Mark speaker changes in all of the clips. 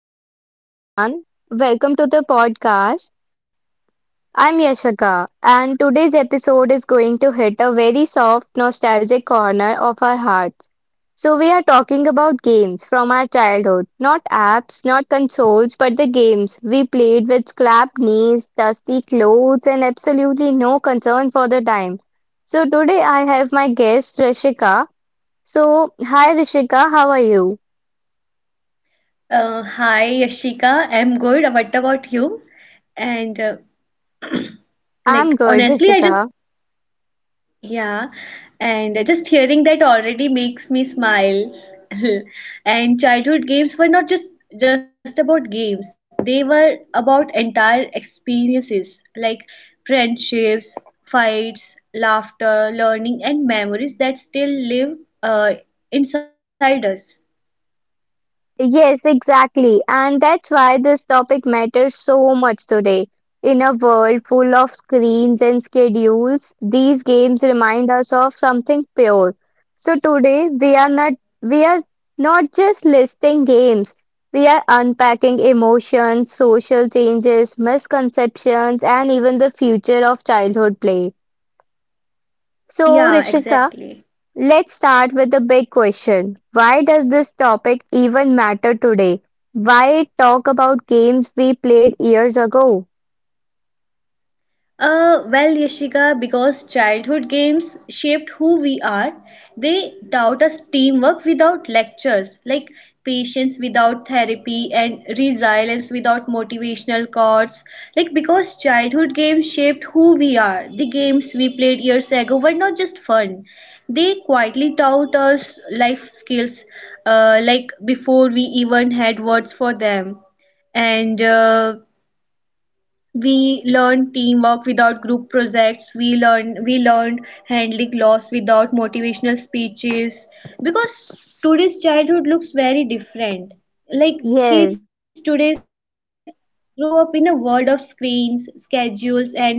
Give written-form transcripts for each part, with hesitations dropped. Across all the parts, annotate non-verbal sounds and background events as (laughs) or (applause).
Speaker 1: So, hello everyone. Welcome to the podcast. I'm Yashika, and today's episode is going to hit a very soft, nostalgic corner of our hearts. So, we are talking about games from our childhood, not apps, not consoles, but the games we played with scrapped knees, dusty clothes, and absolutely no concern for the time. So, today I have my guest, Rishika. So, hi Rishika, how are you?
Speaker 2: Hi Yashika, I'm good. What about you? And Like,
Speaker 1: I'm good,
Speaker 2: honestly, I just,
Speaker 1: Rishika.
Speaker 2: yeah, and just hearing that already makes me smile. (laughs) And childhood games were not just about games; they were about entire experiences like friendships, fights, laughter, learning, and memories that still live uh, inside us.
Speaker 1: Yes, exactly. And that's why this topic matters so much today. In a world full of screens and schedules, these games remind us of something pure. So today we are not just listing games. We are unpacking emotions, social changes, misconceptions, and even the future of childhood play. So,
Speaker 2: Yeah,
Speaker 1: Rishika,
Speaker 2: exactly.
Speaker 1: let's start with the big question. Why does this topic even matter today? Why talk about games we played years ago?
Speaker 2: Well, Yashika, because childhood games shaped who we are, they taught us teamwork without lectures, like patience without therapy and resilience without motivational quotes. Like, because childhood games shaped who we are, games we played years ago were not just fun, they quietly taught us life skills, like before we even had words for them, and we learned teamwork without group projects. We learned handling loss without motivational speeches. Because today's childhood looks very different. Like,
Speaker 1: Yes.
Speaker 2: kids today grow up in a world of screens, schedules, and supervisions,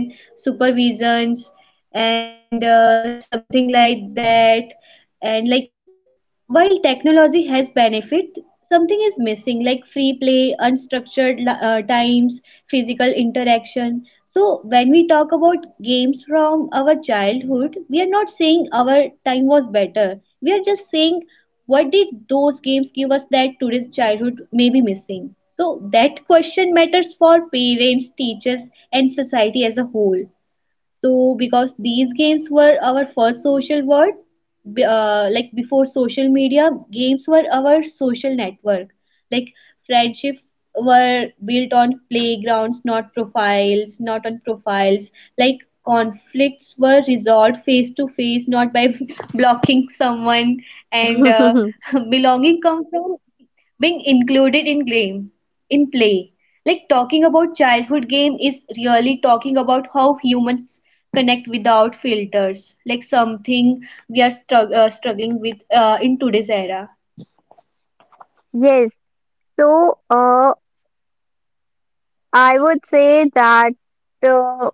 Speaker 2: and something like that. And like, while technology has benefit, something is missing, like free play, unstructured times, physical interaction. So when we talk about games from our childhood, we are not saying our time was better, we are just saying what did those us that today's childhood may be missing. So that question matters for parents, teachers, and society as a whole. So, because these games were our first social world, like before social media, games were our social network. Like, friendship were built on playgrounds, not profiles, not on profiles. Like, conflicts were resolved face to face, not by (laughs) blocking someone. And
Speaker 1: (laughs)
Speaker 2: (laughs) belonging comes from being included in game in play. Like, talking about childhood game is really talking about how humans connect without filters, like something we are struggling with in today's era.
Speaker 1: Yes. So, I would say that uh,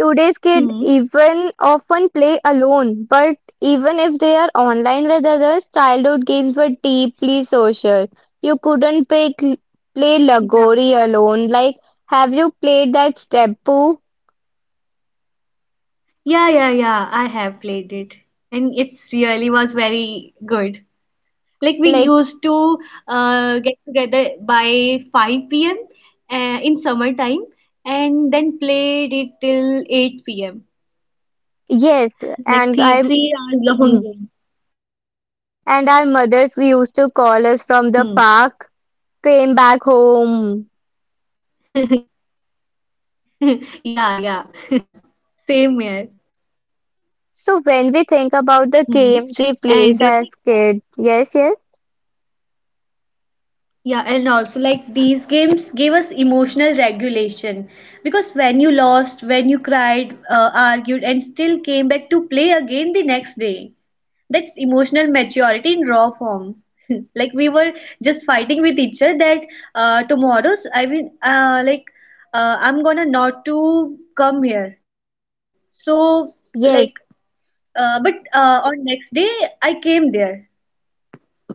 Speaker 1: today's kid even
Speaker 2: Hmm.
Speaker 1: often play alone, but even if they are online with others, childhood games were deeply social. You couldn't play
Speaker 2: Yeah,
Speaker 1: Lagori alone. Like, have you played that Steppu?
Speaker 2: yeah, yeah, yeah, I have played it and it's really was very good. Like, we
Speaker 1: Like,
Speaker 2: used to get together by 5 p.m in summertime and then played it till 8 p.m.
Speaker 1: yes, and I
Speaker 2: Like three
Speaker 1: (laughs)
Speaker 2: hours
Speaker 1: and
Speaker 2: long game.
Speaker 1: our mothers used to call
Speaker 2: Hmm.
Speaker 1: us from the park, came back home.
Speaker 2: (laughs) Yeah, yeah. (laughs) Same here.
Speaker 1: So when we think
Speaker 2: Hmm.
Speaker 1: about the games
Speaker 2: And
Speaker 1: we played as kids,
Speaker 2: yeah, and also like, these games gave us emotional regulation, because when you lost, when you cried, argued, and still came back to play again the next day, that's emotional maturity in raw form. (laughs) Like, we were just fighting with each other that tomorrow's, I mean, like I'm gonna not to come here. So like,
Speaker 1: yes.
Speaker 2: but on next day I came there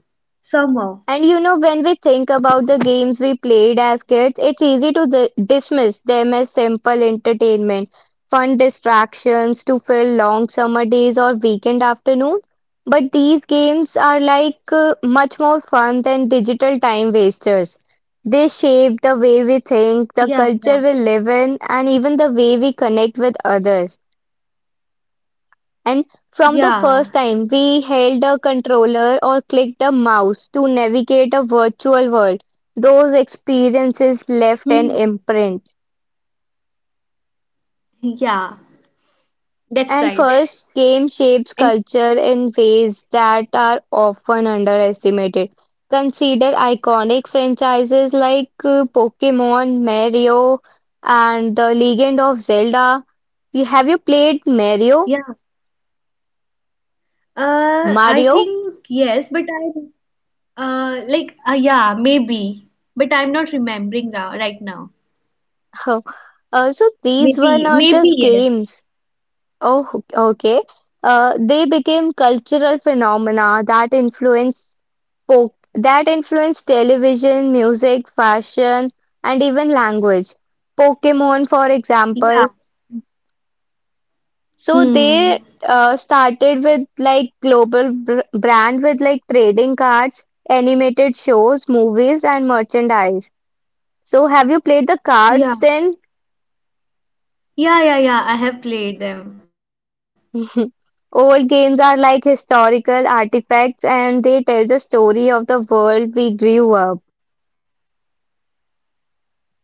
Speaker 2: somehow.
Speaker 1: And you know, when we think about the games we played as kids, it's easy to dismiss them as simple entertainment, fun distractions to fill long summer days or weekend afternoon. But these games are like much more fun than digital time wasters. They shape the way we
Speaker 2: Yeah,
Speaker 1: think, the
Speaker 2: yeah,
Speaker 1: culture we live in, and even the way we connect with others. And from
Speaker 2: yeah.
Speaker 1: the first time, we held a controller or clicked a mouse to navigate a virtual world, those experiences
Speaker 2: Hmm.
Speaker 1: left an imprint.
Speaker 2: Yeah, that's
Speaker 1: And
Speaker 2: right.
Speaker 1: first, game shapes
Speaker 2: And
Speaker 1: culture in ways that are often underestimated. Consider iconic franchises like Pokemon, Mario, and The Legend of Zelda. Have you played Mario?
Speaker 2: yeah, I
Speaker 1: Mario?
Speaker 2: think yes, but I yeah, maybe, but I'm not remembering now right now.
Speaker 1: (laughs) So these were
Speaker 2: Maybe,
Speaker 1: not
Speaker 2: maybe
Speaker 1: just
Speaker 2: yes.
Speaker 1: games. Oh, okay. They became cultural phenomena that influence television, music, fashion, and even language. Pokemon, for example.
Speaker 2: Yeah.
Speaker 1: So
Speaker 2: Hmm.
Speaker 1: they started with like global br brand with like trading cards, animated shows, movies, and merchandise. So have you played the
Speaker 2: Yeah.
Speaker 1: cards then?
Speaker 2: Yeah, yeah, yeah. I have played them.
Speaker 1: (laughs) Mhm. Old games are like historical artifacts and they tell the story of the world we grew up.
Speaker 2: Yeah.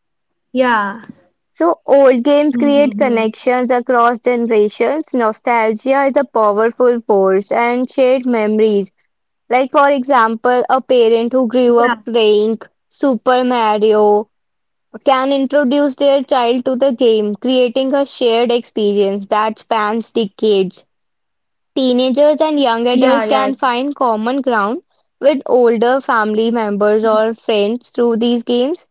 Speaker 1: So,
Speaker 2: Hmm. Hmm,
Speaker 1: old
Speaker 2: hmm.
Speaker 1: games create connections across generations. Nostalgia is a powerful force and shared memories. Like, for example, a
Speaker 2: Yeah.
Speaker 1: parent who grew up playing Super Mario can introduce their child to the game, creating a shared experience that spans decades. Teenagers and young
Speaker 2: Yeah, yeah,
Speaker 1: adults can find common ground with older family members or friends through these games.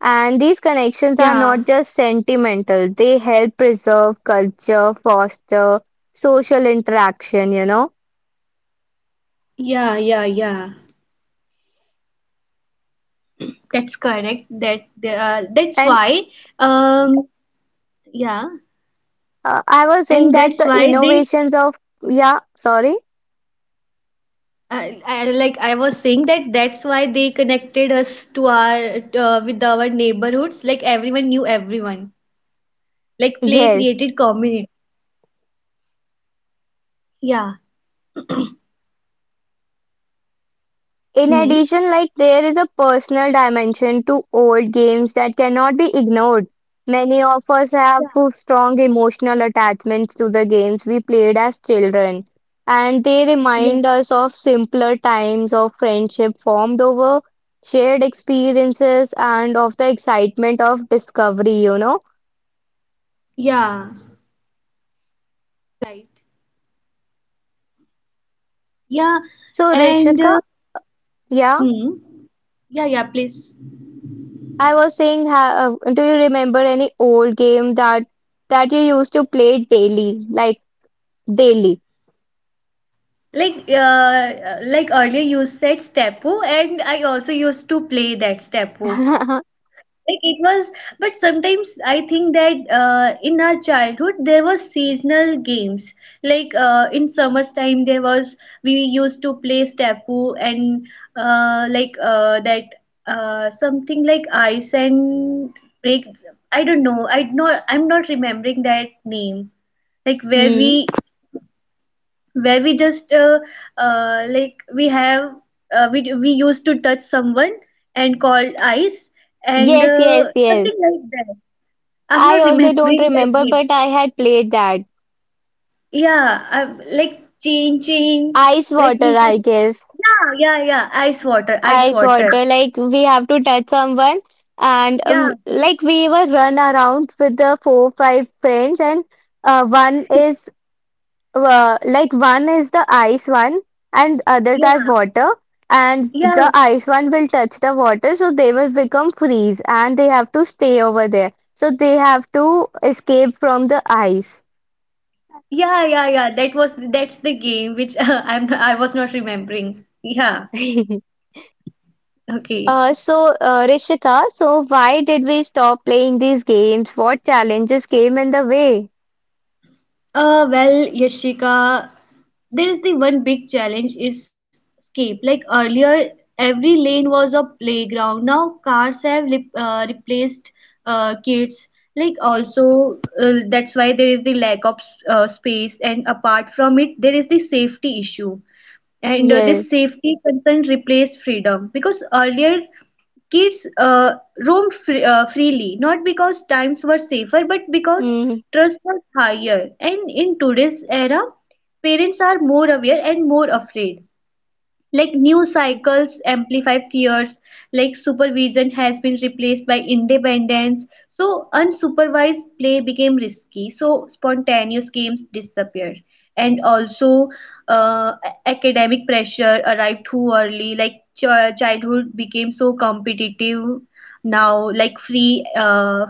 Speaker 1: And these connections are
Speaker 2: yeah.
Speaker 1: not just sentimental, they help preserve culture, foster social interaction, you know.
Speaker 2: Yeah, yeah, yeah. That's correct. That that's
Speaker 1: And
Speaker 2: why um yeah,
Speaker 1: I was saying
Speaker 2: and
Speaker 1: that
Speaker 2: that's
Speaker 1: the
Speaker 2: why they
Speaker 1: innovations of, yeah, sorry,
Speaker 2: like I was saying that that's why they connected us to our with our neighborhoods. Like, everyone knew everyone. Like, play
Speaker 1: yes.
Speaker 2: created community. Yeah.
Speaker 1: In
Speaker 2: Hmm.
Speaker 1: addition, like there is a personal dimension to old games that cannot be ignored. Many of us have
Speaker 2: Yeah.
Speaker 1: strong emotional attachments to the games we played as children, and they remind us of
Speaker 2: Yeah.
Speaker 1: simpler times of friendship formed over shared experiences and of the excitement of discovery, you know.
Speaker 2: Yeah. Right. Yeah.
Speaker 1: So,
Speaker 2: And
Speaker 1: Rishika, yeah,
Speaker 2: hmm. Yeah. Yeah. Please.
Speaker 1: I was saying, do you remember any old game that you used to play daily, like daily?
Speaker 2: Like earlier you said Stepu, and I also used to play that Stepu.
Speaker 1: (laughs)
Speaker 2: Like, it was, but sometimes I think that in our childhood there was seasonal games, like in summer's time there was, we used to play Stapu, and that something like ice and break. I don't know, I not I'm not remembering that name. Like,
Speaker 1: Hmm.
Speaker 2: where we just we have, we used to touch someone and called ice, and
Speaker 1: Yes, yes, yes.
Speaker 2: something like that. I'm not
Speaker 1: I
Speaker 2: (laughs)
Speaker 1: also don't
Speaker 2: remembering that
Speaker 1: remember,
Speaker 2: game.
Speaker 1: but I had played that.
Speaker 2: Yeah, I'm, like chain chain.
Speaker 1: Ice
Speaker 2: Like we
Speaker 1: water, I
Speaker 2: used,
Speaker 1: guess.
Speaker 2: yeah, yeah, yeah, ice water, ice
Speaker 1: Ice
Speaker 2: water.
Speaker 1: water, like we have to touch someone, and
Speaker 2: Yeah,
Speaker 1: like we were run around with the four, five friends, and one is like one is the ice one and others are
Speaker 2: yeah,
Speaker 1: water and
Speaker 2: yeah,
Speaker 1: the ice one will touch the water so they will become freeze and they have to stay over there so they have to escape from the ice.
Speaker 2: yeah, yeah, yeah. That was, that's the game which (laughs) I was not remembering. Yeah.
Speaker 1: (laughs)
Speaker 2: Okay.
Speaker 1: Rishika, so why did we stop playing these games? What challenges came in the way?
Speaker 2: Well, Yashika, there is the one big challenge is escape. Like, earlier, every lane was a playground. Now cars have replaced kids. Like also, that's why there is the lack of space. And apart from it, there is the safety issue and this
Speaker 1: Yes.
Speaker 2: safety concern replaced freedom, because earlier kids freely, not because times were safer but because
Speaker 1: Hmm.
Speaker 2: trust was higher. And in today's era parents are more aware and more afraid. Like, news cycles amplify fears, like supervision has been replaced by independence. So unsupervised play became risky. So spontaneous games disappeared. And also, uh, academic pressure arrived too early. Like, childhood became so competitive now. Like, free, uh,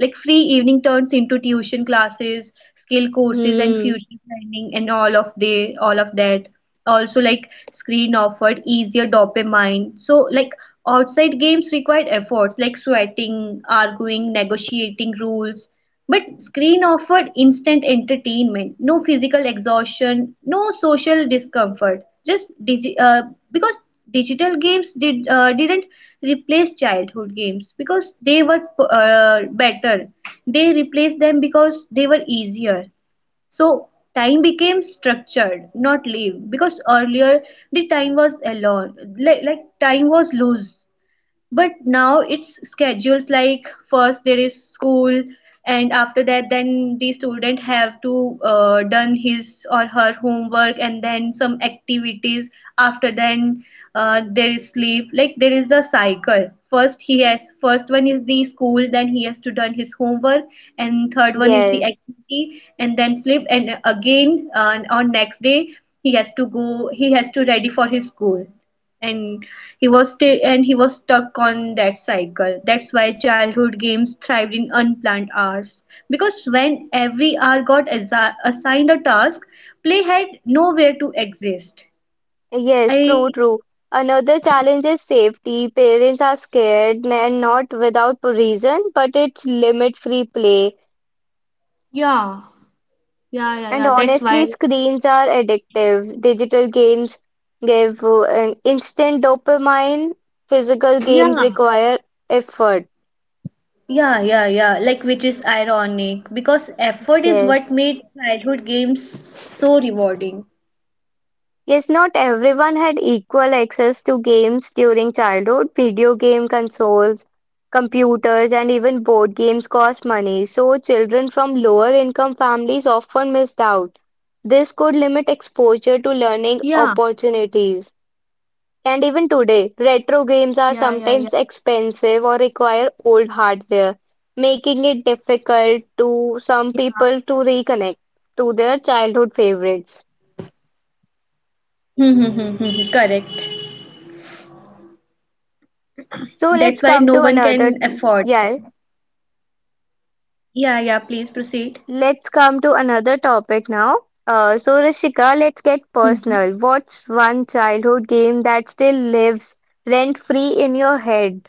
Speaker 2: like free evening turns into tuition classes, skill courses, and future planning, all of that. Also, like, screen offered easier dopamine. So, like, outside games required efforts, like sweating, arguing, negotiating rules. But screen offered instant entertainment, no physical exhaustion, no social discomfort. Just because digital games didn't replace childhood games because they were better. They replaced them because they were easier. So time became structured, not live, because earlier the time was alone, like, time was loose, but now it's schedules. Like, first there is school and after that then the student have to done his or her homework, and then some activities. After then there is sleep. Like, there is the cycle, first he has, first one is the school, then he has to done his homework, and third one is the
Speaker 3: Yes,
Speaker 2: activity, and then sleep. And again on next day he has to go, he has to ready for his school, and he was stuck on that cycle. That's why childhood games thrived in unplanned hours, because when every hour got assigned a task, play had nowhere to exist.
Speaker 3: yes,
Speaker 2: I,
Speaker 3: true, true. Another challenge is safety. Parents are scared and not without reason, but it's limit-free play.
Speaker 2: yeah, yeah, yeah,
Speaker 3: And
Speaker 2: yeah, that's
Speaker 3: honestly,
Speaker 2: why.
Speaker 3: screens are addictive. Digital games give an instant dopamine. Physical games
Speaker 2: Yeah,
Speaker 3: require effort.
Speaker 2: yeah, yeah, yeah, like which is ironic, because effort is what
Speaker 3: Yes.
Speaker 2: made childhood games so rewarding.
Speaker 3: Yes, not everyone had equal access to games during childhood. Video game consoles, computers, and even board games cost money, so children from lower income families often missed out. This could
Speaker 2: Yeah,
Speaker 3: limit exposure to learning opportunities. And
Speaker 2: yeah,
Speaker 3: even
Speaker 2: yeah, yeah,
Speaker 3: today, retro games are sometimes expensive or require old hardware, making it
Speaker 2: yeah.
Speaker 3: difficult to some people to reconnect to their childhood favorites.
Speaker 2: Hmm, hmm, hmm, hmm, hmm. Correct. That's
Speaker 3: So
Speaker 2: why
Speaker 3: let's
Speaker 2: no
Speaker 3: come
Speaker 2: one
Speaker 3: to
Speaker 2: can
Speaker 3: another,
Speaker 2: afford them.
Speaker 3: yes,
Speaker 2: Yeah, yeah, please proceed.
Speaker 3: let's come to another topic now. So Rishika, let's get
Speaker 2: Mhm.
Speaker 3: personal. What's one childhood game that still lives rent free in your head?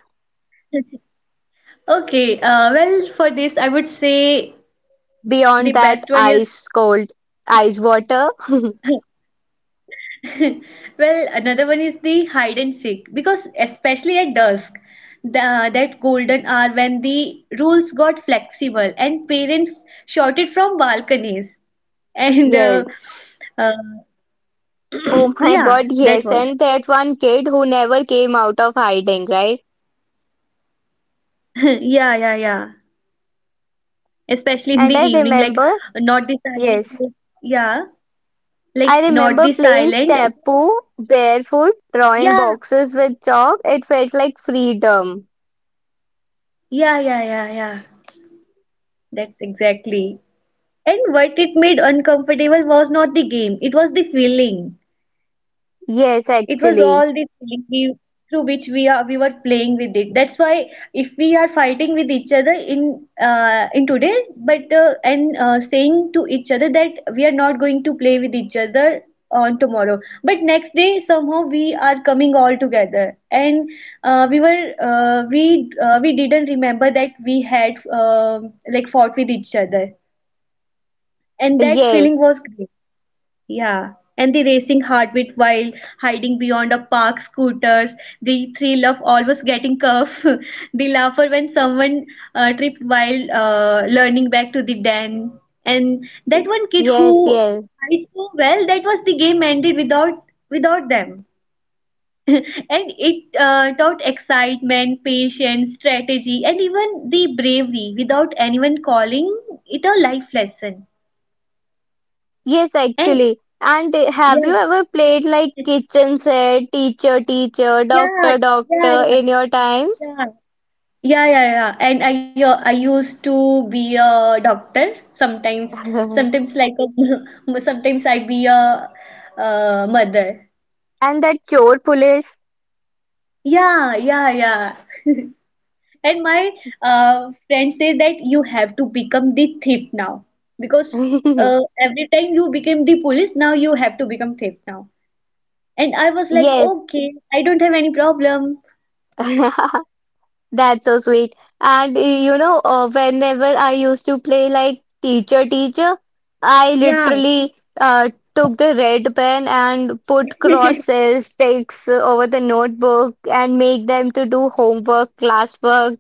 Speaker 2: Okay, well, for this, I would say
Speaker 3: Beyond
Speaker 2: the
Speaker 3: that
Speaker 2: best one is,
Speaker 3: ice cold ice water? (laughs)
Speaker 2: (laughs) well, another one is the hide and seek, because especially at dusk, the, that golden hour when the rules got flexible and parents shouted from balconies. (laughs) And
Speaker 3: Yes.
Speaker 2: uh,
Speaker 3: Oh my God, yes.
Speaker 2: yeah,
Speaker 3: And
Speaker 2: that
Speaker 3: that
Speaker 2: was.
Speaker 3: one kid who never came out of hiding, right?
Speaker 2: (laughs) Yeah, yeah, yeah.
Speaker 3: And
Speaker 2: Especially
Speaker 3: I
Speaker 2: in the evening,
Speaker 3: remember,
Speaker 2: like not the
Speaker 3: yes.
Speaker 2: silent. Yeah.
Speaker 3: I
Speaker 2: Like
Speaker 3: remember
Speaker 2: not
Speaker 3: playing
Speaker 2: the silent.
Speaker 3: Steppo barefoot, drawing
Speaker 2: Yeah,
Speaker 3: boxes with chalk. It felt like freedom.
Speaker 2: yeah, yeah, yeah, yeah. That's exactly. And what it made uncomfortable was not the game, it was the feeling.
Speaker 3: Yes,
Speaker 2: It was all
Speaker 3: actually.
Speaker 2: the feeling we, through which we were playing with it. That's why if we are fighting with each other in today, but and saying to each other that we are not going to play with each other on tomorrow, but next day somehow we are coming all together, and we didn't remember that we had fought with each other, and that
Speaker 3: Yes.
Speaker 2: feeling was great. Yeah, and the racing heartbeat while hiding behind a parked scooters, the thrill of almost getting cuffed, (laughs) the laughter when someone tripped while learning back to the den, and that one kid
Speaker 3: Yes,
Speaker 2: who
Speaker 3: yes.
Speaker 2: hid so well that was the game ended without them, (laughs) and it taught excitement, patience, strategy, and even the bravery without anyone calling it a life lesson.
Speaker 3: Yes,
Speaker 2: And
Speaker 3: actually. And have you
Speaker 2: yeah.
Speaker 3: ever played like kitchen set, teacher, teacher, doctor,
Speaker 2: Yeah,
Speaker 3: doctor
Speaker 2: yeah,
Speaker 3: in
Speaker 2: yeah,
Speaker 3: your times?
Speaker 2: yeah, yeah, yeah, yeah. And I used to be a doctor sometimes.
Speaker 3: (laughs)
Speaker 2: Sometimes like a, (laughs) sometimes I be a mother.
Speaker 3: And that chore police?
Speaker 2: Yeah, yeah, yeah. And my friend say that you have to become the thief now, because
Speaker 3: (laughs)
Speaker 2: every time you became the police, now you have to become thief now. And I was like,
Speaker 3: Yes.
Speaker 2: okay, I don't have any problem.
Speaker 3: (laughs) That's so sweet. And whenever I used to play like teacher, teacher, I
Speaker 2: Yeah,
Speaker 3: literally took the red pen and put
Speaker 2: (laughs)
Speaker 3: crosses, ticks over the notebook and make them to do homework, classwork.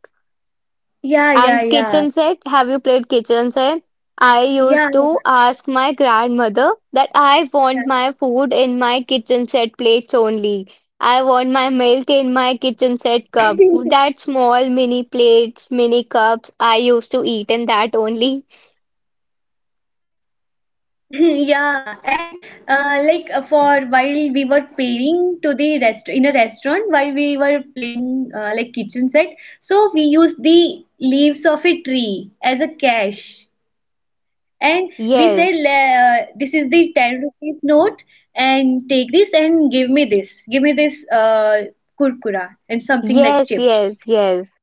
Speaker 2: yeah, yeah,
Speaker 3: And
Speaker 2: yeah,
Speaker 3: kitchen set? Have you played kitchen set? I used to ask my grandmother that I
Speaker 2: yeah.
Speaker 3: want my food in my kitchen set plates only. I want my milk
Speaker 2: (laughs)
Speaker 3: in my kitchen set cup. That small mini plates, mini cups I used to eat in that only.
Speaker 2: Yeah, and for while we were paying to the rest in a restaurant while we were playing like kitchen set, so we used the leaves of a tree as a cash, and we said
Speaker 3: Yes,
Speaker 2: This is the 10 rupees note, and take this and give me this kurkura and something
Speaker 3: yes,
Speaker 2: like
Speaker 3: yes,
Speaker 2: chips."
Speaker 3: yes.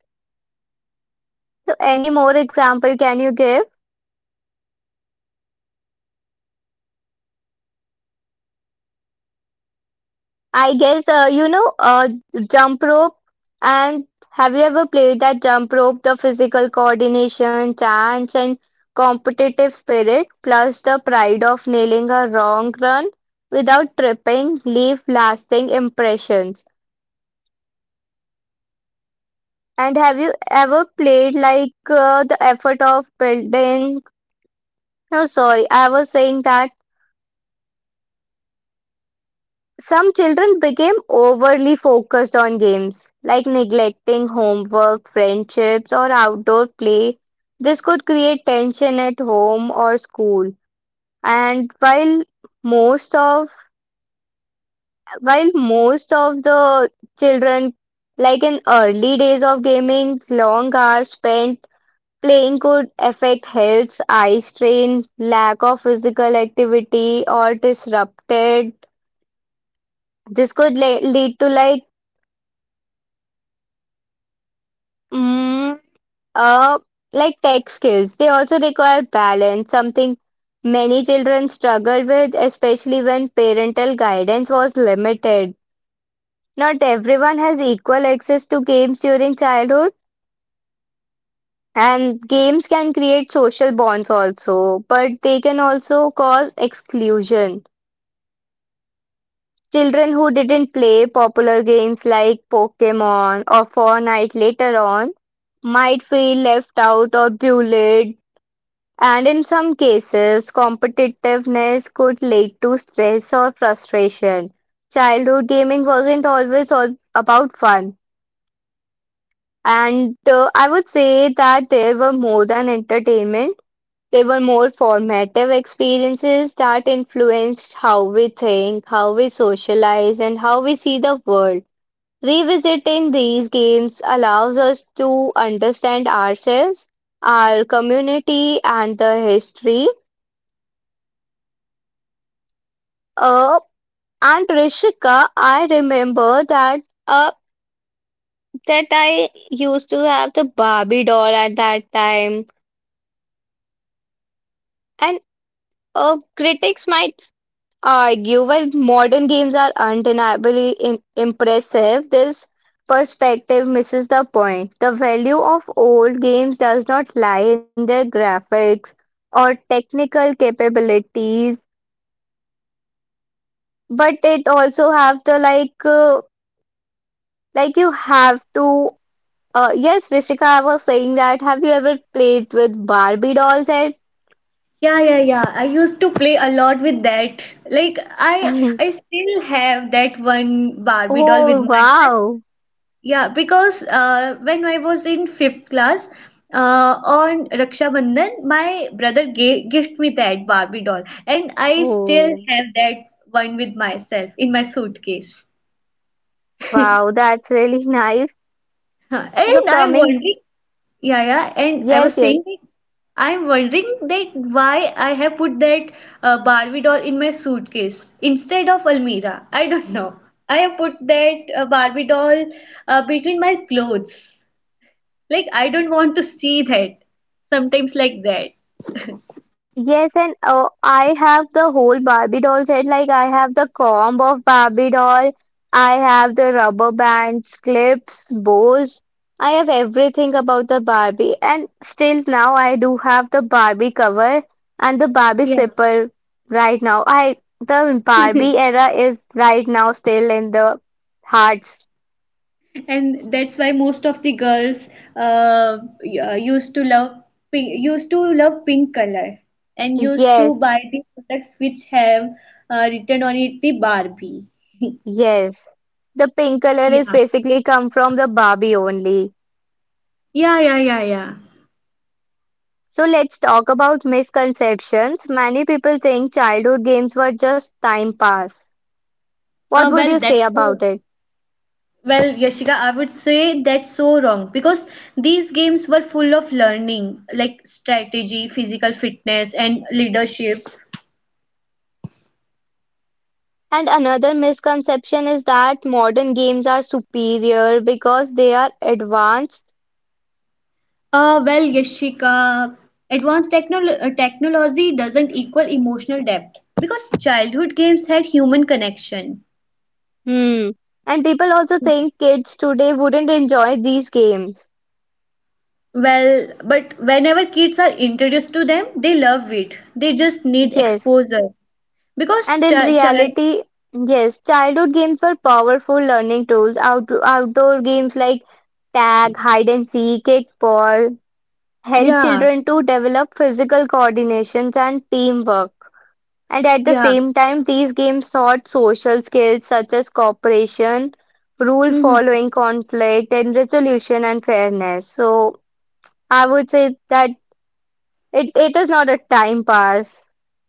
Speaker 3: So, any more
Speaker 2: And after
Speaker 3: example
Speaker 2: that,
Speaker 3: can
Speaker 2: when
Speaker 3: you
Speaker 2: we
Speaker 3: give?
Speaker 2: came to our home, and we used to say that, Mama, it's my notes,
Speaker 3: I guess
Speaker 2: It's my cash
Speaker 3: jump rope.
Speaker 2: money,
Speaker 3: And
Speaker 2: while they
Speaker 3: have you
Speaker 2: were
Speaker 3: ever
Speaker 2: the
Speaker 3: played
Speaker 2: leaves
Speaker 3: that
Speaker 2: of
Speaker 3: jump
Speaker 2: the
Speaker 3: rope? The
Speaker 2: trees.
Speaker 3: physical coordination, chance, and competitive spirit,
Speaker 2: Hmm.
Speaker 3: plus the pride
Speaker 2: And
Speaker 3: of nailing a wrong
Speaker 2: I
Speaker 3: run
Speaker 2: feel like
Speaker 3: without
Speaker 2: that. But
Speaker 3: tripping,
Speaker 2: it
Speaker 3: leave
Speaker 2: all,
Speaker 3: lasting
Speaker 2: like even
Speaker 3: impressions.
Speaker 2: now, that games represent a time when we
Speaker 3: And
Speaker 2: trusted
Speaker 3: have
Speaker 2: our
Speaker 3: you ever
Speaker 2: surroundings.
Speaker 3: played
Speaker 2: Like,
Speaker 3: like
Speaker 2: time
Speaker 3: the
Speaker 2: didn't
Speaker 3: effort
Speaker 2: chase
Speaker 3: of
Speaker 2: us. Like,
Speaker 3: building?
Speaker 2: fun didn't need a
Speaker 3: No,
Speaker 2: screen.
Speaker 3: sorry, I was saying that.
Speaker 2: And I felt like that.
Speaker 3: Some children
Speaker 2: That's
Speaker 3: became
Speaker 2: why the hide and
Speaker 3: overly
Speaker 2: seek. I
Speaker 3: focused
Speaker 2: know
Speaker 3: on
Speaker 2: that hide
Speaker 3: games,
Speaker 2: and
Speaker 3: like
Speaker 2: seek was
Speaker 3: neglecting
Speaker 2: the most,
Speaker 3: homework, friendships, or
Speaker 2: like the
Speaker 3: outdoor
Speaker 2: most
Speaker 3: play. This could
Speaker 2: uh,
Speaker 3: create tension
Speaker 2: first
Speaker 3: at
Speaker 2: one,
Speaker 3: home
Speaker 2: like
Speaker 3: or
Speaker 2: rent free in
Speaker 3: school.
Speaker 2: our head,
Speaker 3: And while
Speaker 2: like the
Speaker 3: most
Speaker 2: most.
Speaker 3: of
Speaker 2: मतलब, hide and seek was
Speaker 3: the
Speaker 2: the
Speaker 3: children,
Speaker 2: most one of the
Speaker 3: like in
Speaker 2: best
Speaker 3: early
Speaker 2: game,
Speaker 3: days of gaming, long hours
Speaker 2: and
Speaker 3: spent
Speaker 2: yeah,
Speaker 3: playing
Speaker 2: and
Speaker 3: could
Speaker 2: apart
Speaker 3: affect
Speaker 2: from that,
Speaker 3: health,
Speaker 2: I
Speaker 3: eye
Speaker 2: thought
Speaker 3: strain,
Speaker 2: I
Speaker 3: lack of
Speaker 2: I like to
Speaker 3: physical
Speaker 2: play
Speaker 3: activity,
Speaker 2: Steppu
Speaker 3: or
Speaker 2: and
Speaker 3: disrupted. This
Speaker 2: yeah,
Speaker 3: could lead to like
Speaker 2: so Yashika. And apart from it there are so
Speaker 3: mm,
Speaker 2: many games,
Speaker 3: Uh, like tech skills,
Speaker 2: like
Speaker 3: they also
Speaker 2: apart from
Speaker 3: require
Speaker 2: the hide and
Speaker 3: balance,
Speaker 2: seek,
Speaker 3: something
Speaker 2: tapu
Speaker 3: many children struggle
Speaker 2: and
Speaker 3: with, especially when parental guidance was
Speaker 2: yeah, there are
Speaker 3: limited.
Speaker 2: so many games.
Speaker 3: Not everyone has equal access to
Speaker 2: hmm.
Speaker 3: games during childhood, and games can
Speaker 2: Hmm, hmm,
Speaker 3: create
Speaker 2: hmm.
Speaker 3: social bonds also, but they can
Speaker 2: Yeah,
Speaker 3: also cause
Speaker 2: that's the
Speaker 3: exclusion.
Speaker 2: best and main thing.
Speaker 3: Children who didn't play popular games like Pokemon or Fortnite later on might feel left out or bullied. And in some cases, competitiveness could lead to stress or frustration. Childhood gaming wasn't always all about fun. And I would say that there were more than entertainment, they were more formative experiences that influenced how we think, how we socialize, and how we see the world. Revisiting these games allows us to understand ourselves, our community, and the history. Uh, And Rishika, I remember that uh I used to have the Barbie doll at that time. And critics might argue while modern games are undeniably in impressive, this perspective misses the point. The value of old games does not lie in their graphics or technical capabilities, but it also have the like you have to yes, Rishika, I was saying that. Have you ever played with Barbie dolls at?
Speaker 2: Yeah, yeah, yeah, I used to play a lot with that. Like I
Speaker 3: (laughs)
Speaker 2: still have that one Barbie doll with
Speaker 3: Oh,
Speaker 2: myself.
Speaker 3: wow.
Speaker 2: Yeah, because when I was in fifth class, on Raksha Bandhan, my brother gave gift me that Barbie doll, and I still
Speaker 3: Oh,
Speaker 2: have that one with myself in my suitcase.
Speaker 3: wow. That's really (laughs) nice.
Speaker 2: Huh. And
Speaker 3: So
Speaker 2: I'm
Speaker 3: coming,
Speaker 2: wondering. Yeah, yeah, and I
Speaker 3: yes,
Speaker 2: was
Speaker 3: yes.
Speaker 2: saying, I'm wondering that why I have put that Barbie doll in my suitcase instead of Almira. I don't know. I have put that Barbie doll between my clothes. Like I don't want to see that. Sometimes like that.
Speaker 3: Yes, and I have the whole Barbie doll set. Like I have the comb of Barbie doll. I have the rubber bands, clips, bows. I have everything about the Barbie. And still now I do have the Barbie cover and the Barbie
Speaker 2: Yeah.
Speaker 3: zipper right now. I the Barbie
Speaker 2: (laughs)
Speaker 3: era is right now still in the hearts.
Speaker 2: And that's why most of the girls used to love pink, used to love pink color and used to
Speaker 3: Yes,
Speaker 2: buy the products which have written on it the Barbie.
Speaker 3: yes. The pink color is
Speaker 2: Yeah.
Speaker 3: basically come from the Barbie only.
Speaker 2: Yeah, yeah, yeah, yeah.
Speaker 3: So let's talk about misconceptions. Many people think childhood games were just time pass. What would you
Speaker 2: Well,
Speaker 3: say
Speaker 2: that's so
Speaker 3: about it?
Speaker 2: well, Yashika, I would say that's so wrong because these games were full of learning, like strategy, physical fitness, and leadership.
Speaker 3: And another misconception is that modern games are superior because they are advanced.
Speaker 2: Well, Yashika, advanced technology doesn't equal emotional depth because childhood games had human connection.
Speaker 3: Hmm. And people also think kids today wouldn't enjoy these games.
Speaker 2: Well, but whenever kids are introduced to them, they love it. They just need
Speaker 3: Yes.
Speaker 2: exposure because
Speaker 3: And in reality, yes, childhood games were powerful learning tools. Outdoor games like tag, hide and seek, kickball, help
Speaker 2: yeah,
Speaker 3: children to develop physical coordinations and teamwork. And at the
Speaker 2: yeah.
Speaker 3: same time, these games taught social skills such as cooperation, rule
Speaker 2: hmm
Speaker 3: following, conflict, and resolution and fairness. So I would say that it is not a time pass.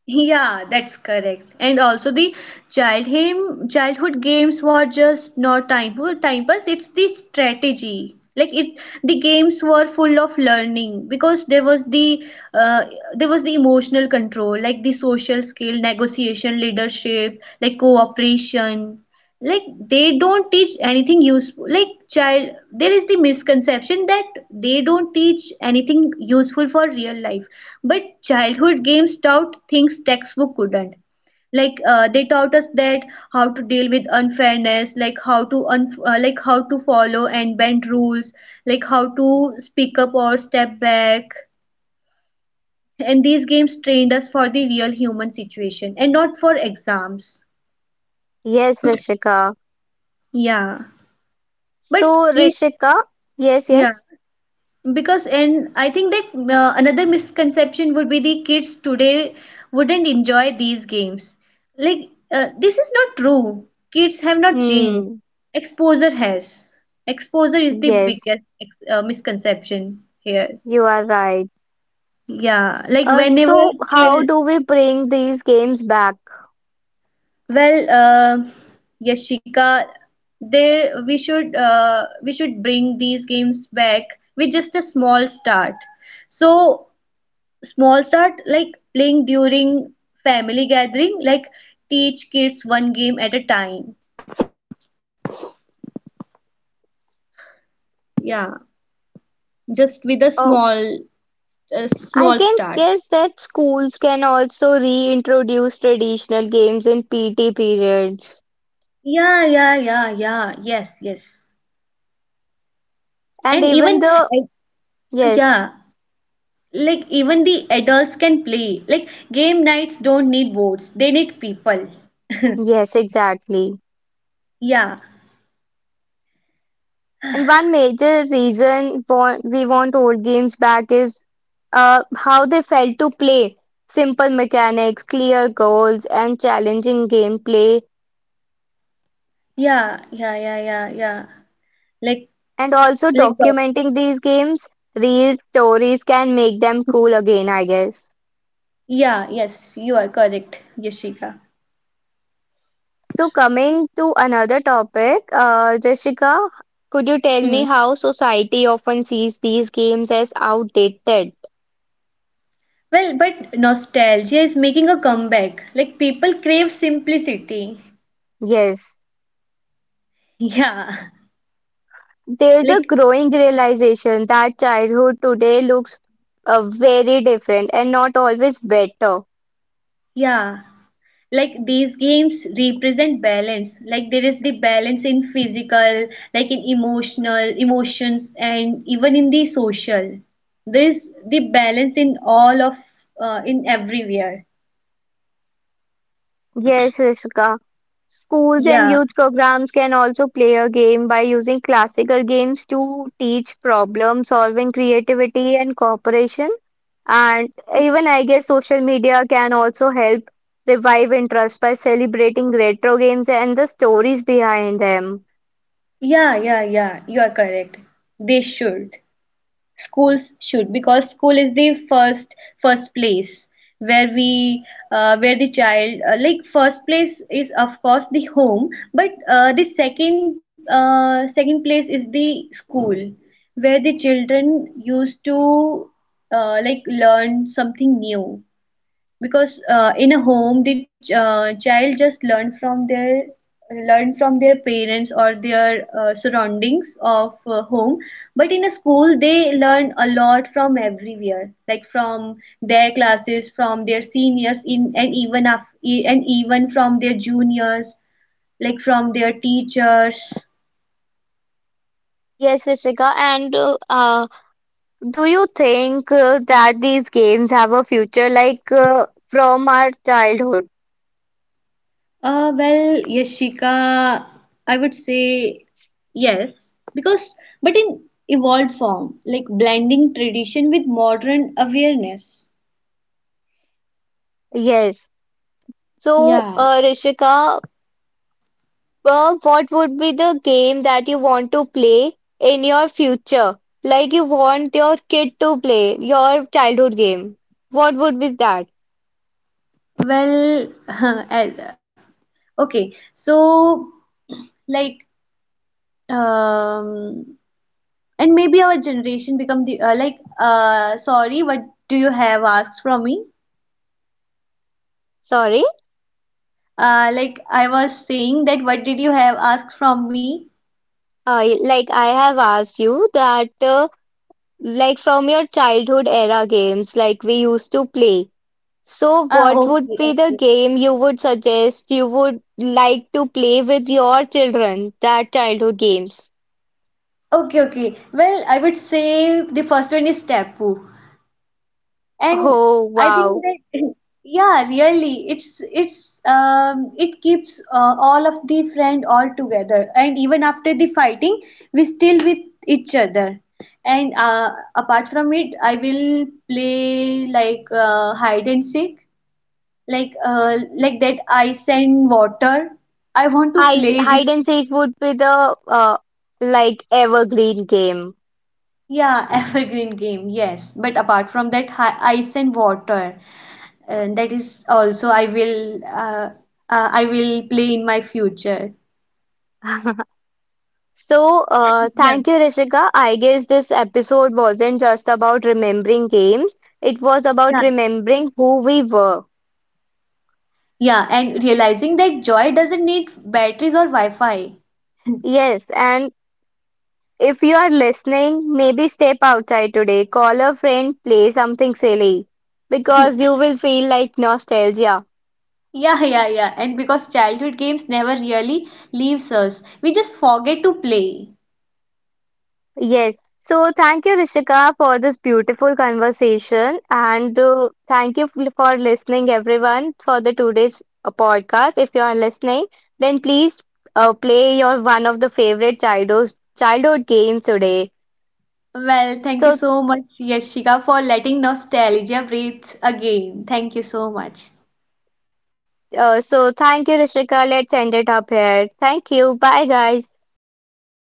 Speaker 2: Yeah, that's correct. And also the childhood games were just not time pass. It's the strategy. Like the games were full of learning because there was uh, there was the emotional control, like the social skill, negotiation, leadership, like cooperation. Like they don't teach anything useful, like child, there is the misconception that they don't teach anything useful for real life, but childhood games taught things textbook couldn't, like they taught us that how to deal with unfairness, like how to like how to follow and bend rules, like how to speak up or step back, and these games trained us for the real human situation and not for exams.
Speaker 3: Yes, Rishika.
Speaker 2: Yeah, but
Speaker 3: So,
Speaker 2: kids,
Speaker 3: Rishika, yes,
Speaker 2: yeah,
Speaker 3: yes.
Speaker 2: because, and I think that another misconception would be the kids today wouldn't enjoy these games. Like this is not true, kids have not changed,
Speaker 3: Hmm,
Speaker 2: exposure has, exposure is the
Speaker 3: yes,
Speaker 2: biggest misconception here.
Speaker 3: you are right.
Speaker 2: Yeah, like whenever
Speaker 3: How do we bring these games back?
Speaker 2: well uh, Yashika, they, we should bring these games back with just a small start. So small start, like playing during family gathering, like teach kids one game at a time. Yeah. Just with
Speaker 3: Uh,
Speaker 2: a
Speaker 3: I
Speaker 2: small
Speaker 3: can
Speaker 2: start.
Speaker 3: guess that schools can also reintroduce traditional games in PT periods.
Speaker 2: Yeah, yeah, yeah, yeah, yes, yes.
Speaker 3: And
Speaker 2: And
Speaker 3: even
Speaker 2: even
Speaker 3: the
Speaker 2: eh,
Speaker 3: yes,
Speaker 2: yeah, like even the adults can, like game nights don't need boards, they need people.
Speaker 3: yes, exactly.
Speaker 2: Yeah,
Speaker 3: And one major reason we want old games back is how they felt to play. Simple mechanics, clear goals, and challenging gameplay.
Speaker 2: yeah, yeah, yeah, yeah, yeah. like
Speaker 3: And also
Speaker 2: like
Speaker 3: documenting these games, real stories can make them cool again, I guess.
Speaker 2: yeah, yes, you are correct, Yashika.
Speaker 3: So coming to another topic, Jessica, could you tell
Speaker 2: Hmm.
Speaker 3: me how society often sees these games as outdated?
Speaker 2: Well, but nostalgia is making a comeback. Like people crave simplicity. (laughs)
Speaker 3: Yes,
Speaker 2: Yeah.
Speaker 3: there's a
Speaker 2: Like
Speaker 3: growing realization that childhood today looks very different and not always better.
Speaker 2: yeah. Like these games represent balance. Like there is the balance in physical, like in emotional emotions and even in the social. There is the balance in all of in everywhere.
Speaker 3: Yes, Rishika. Schools and
Speaker 2: Yeah.
Speaker 3: youth programs can also play a game by using classical games to teach problem solving, creativity, and cooperation. And even I guess social media can also help revive interest by celebrating retro games and the stories behind them.
Speaker 2: Yeah, yeah, yeah. You are correct. They should. Schools should, because school is the first place where we where the child like first place is of course the home, but the second second place is the school where the children used to like learn something new, because in a home the child just learn from their, learn from their parents or their surroundings of home, but in a school they learn a lot from everywhere, like from their classes, from their seniors, in and even and even from their juniors, like from their teachers.
Speaker 3: Yes, Rishika. And do you think that these games have a future like from our childhood?
Speaker 2: Well, Yashika, I would say yes, because but in evolved form, like blending tradition with modern awareness.
Speaker 3: Yes. So,
Speaker 2: Yeah.
Speaker 3: Rishika, well, what would be the game that you want to play in your future? Like you want your kid to play your childhood game. What would be that?
Speaker 2: Well, (laughs) okay, so like um, maybe our generation become the like sorry, what do you have asked from me?
Speaker 3: Sorry,
Speaker 2: Like I was saying that what did you have asked from me?
Speaker 3: I like I have asked you that like from your childhood era games like we used to play. So what would
Speaker 2: Okay,
Speaker 3: be the
Speaker 2: okay.
Speaker 3: game you would suggest you would like to play with your children, that childhood games?
Speaker 2: Okay, okay. Well, I would say the first one is Tapu. And
Speaker 3: Oh
Speaker 2: I think
Speaker 3: wow.
Speaker 2: that (laughs) yeah, really, it's it keeps all of the friend all together. And even after the fighting, we still with each other. And apart from it, I will play like hide and seek, like that ice and water. I want to play
Speaker 3: Hide
Speaker 2: this.
Speaker 3: and seek would be the uh, like evergreen game.
Speaker 2: Yeah, (laughs) evergreen game, yes. But apart from that, hi ice and water, that is also I will play in my future.
Speaker 3: (laughs) So,
Speaker 2: Yeah,
Speaker 3: thank you, Rishika. I guess this episode wasn't just about remembering games, it was about
Speaker 2: yeah.
Speaker 3: remembering who we were.
Speaker 2: Yeah, and realizing that joy doesn't need batteries or Wi-Fi. (laughs)
Speaker 3: Yes, and if you are listening, maybe step outside today, call a friend, play something silly, because you will feel like nostalgia.
Speaker 2: Yeah, yeah, yeah. And because childhood games never really leaves us, we just forget to play.
Speaker 3: Yes. So thank you, Rishika, for this beautiful conversation. And thank you for listening, everyone, for the today's podcast. If you are listening, then please play your one of the favorite childhood games today.
Speaker 2: Well, thank you
Speaker 3: So,
Speaker 2: so much, Yashika, for letting nostalgia breathe again. Thank you so much.
Speaker 3: thank you, Rishika. Let's end it up here. Thank you. Bye, guys.
Speaker 2: Thank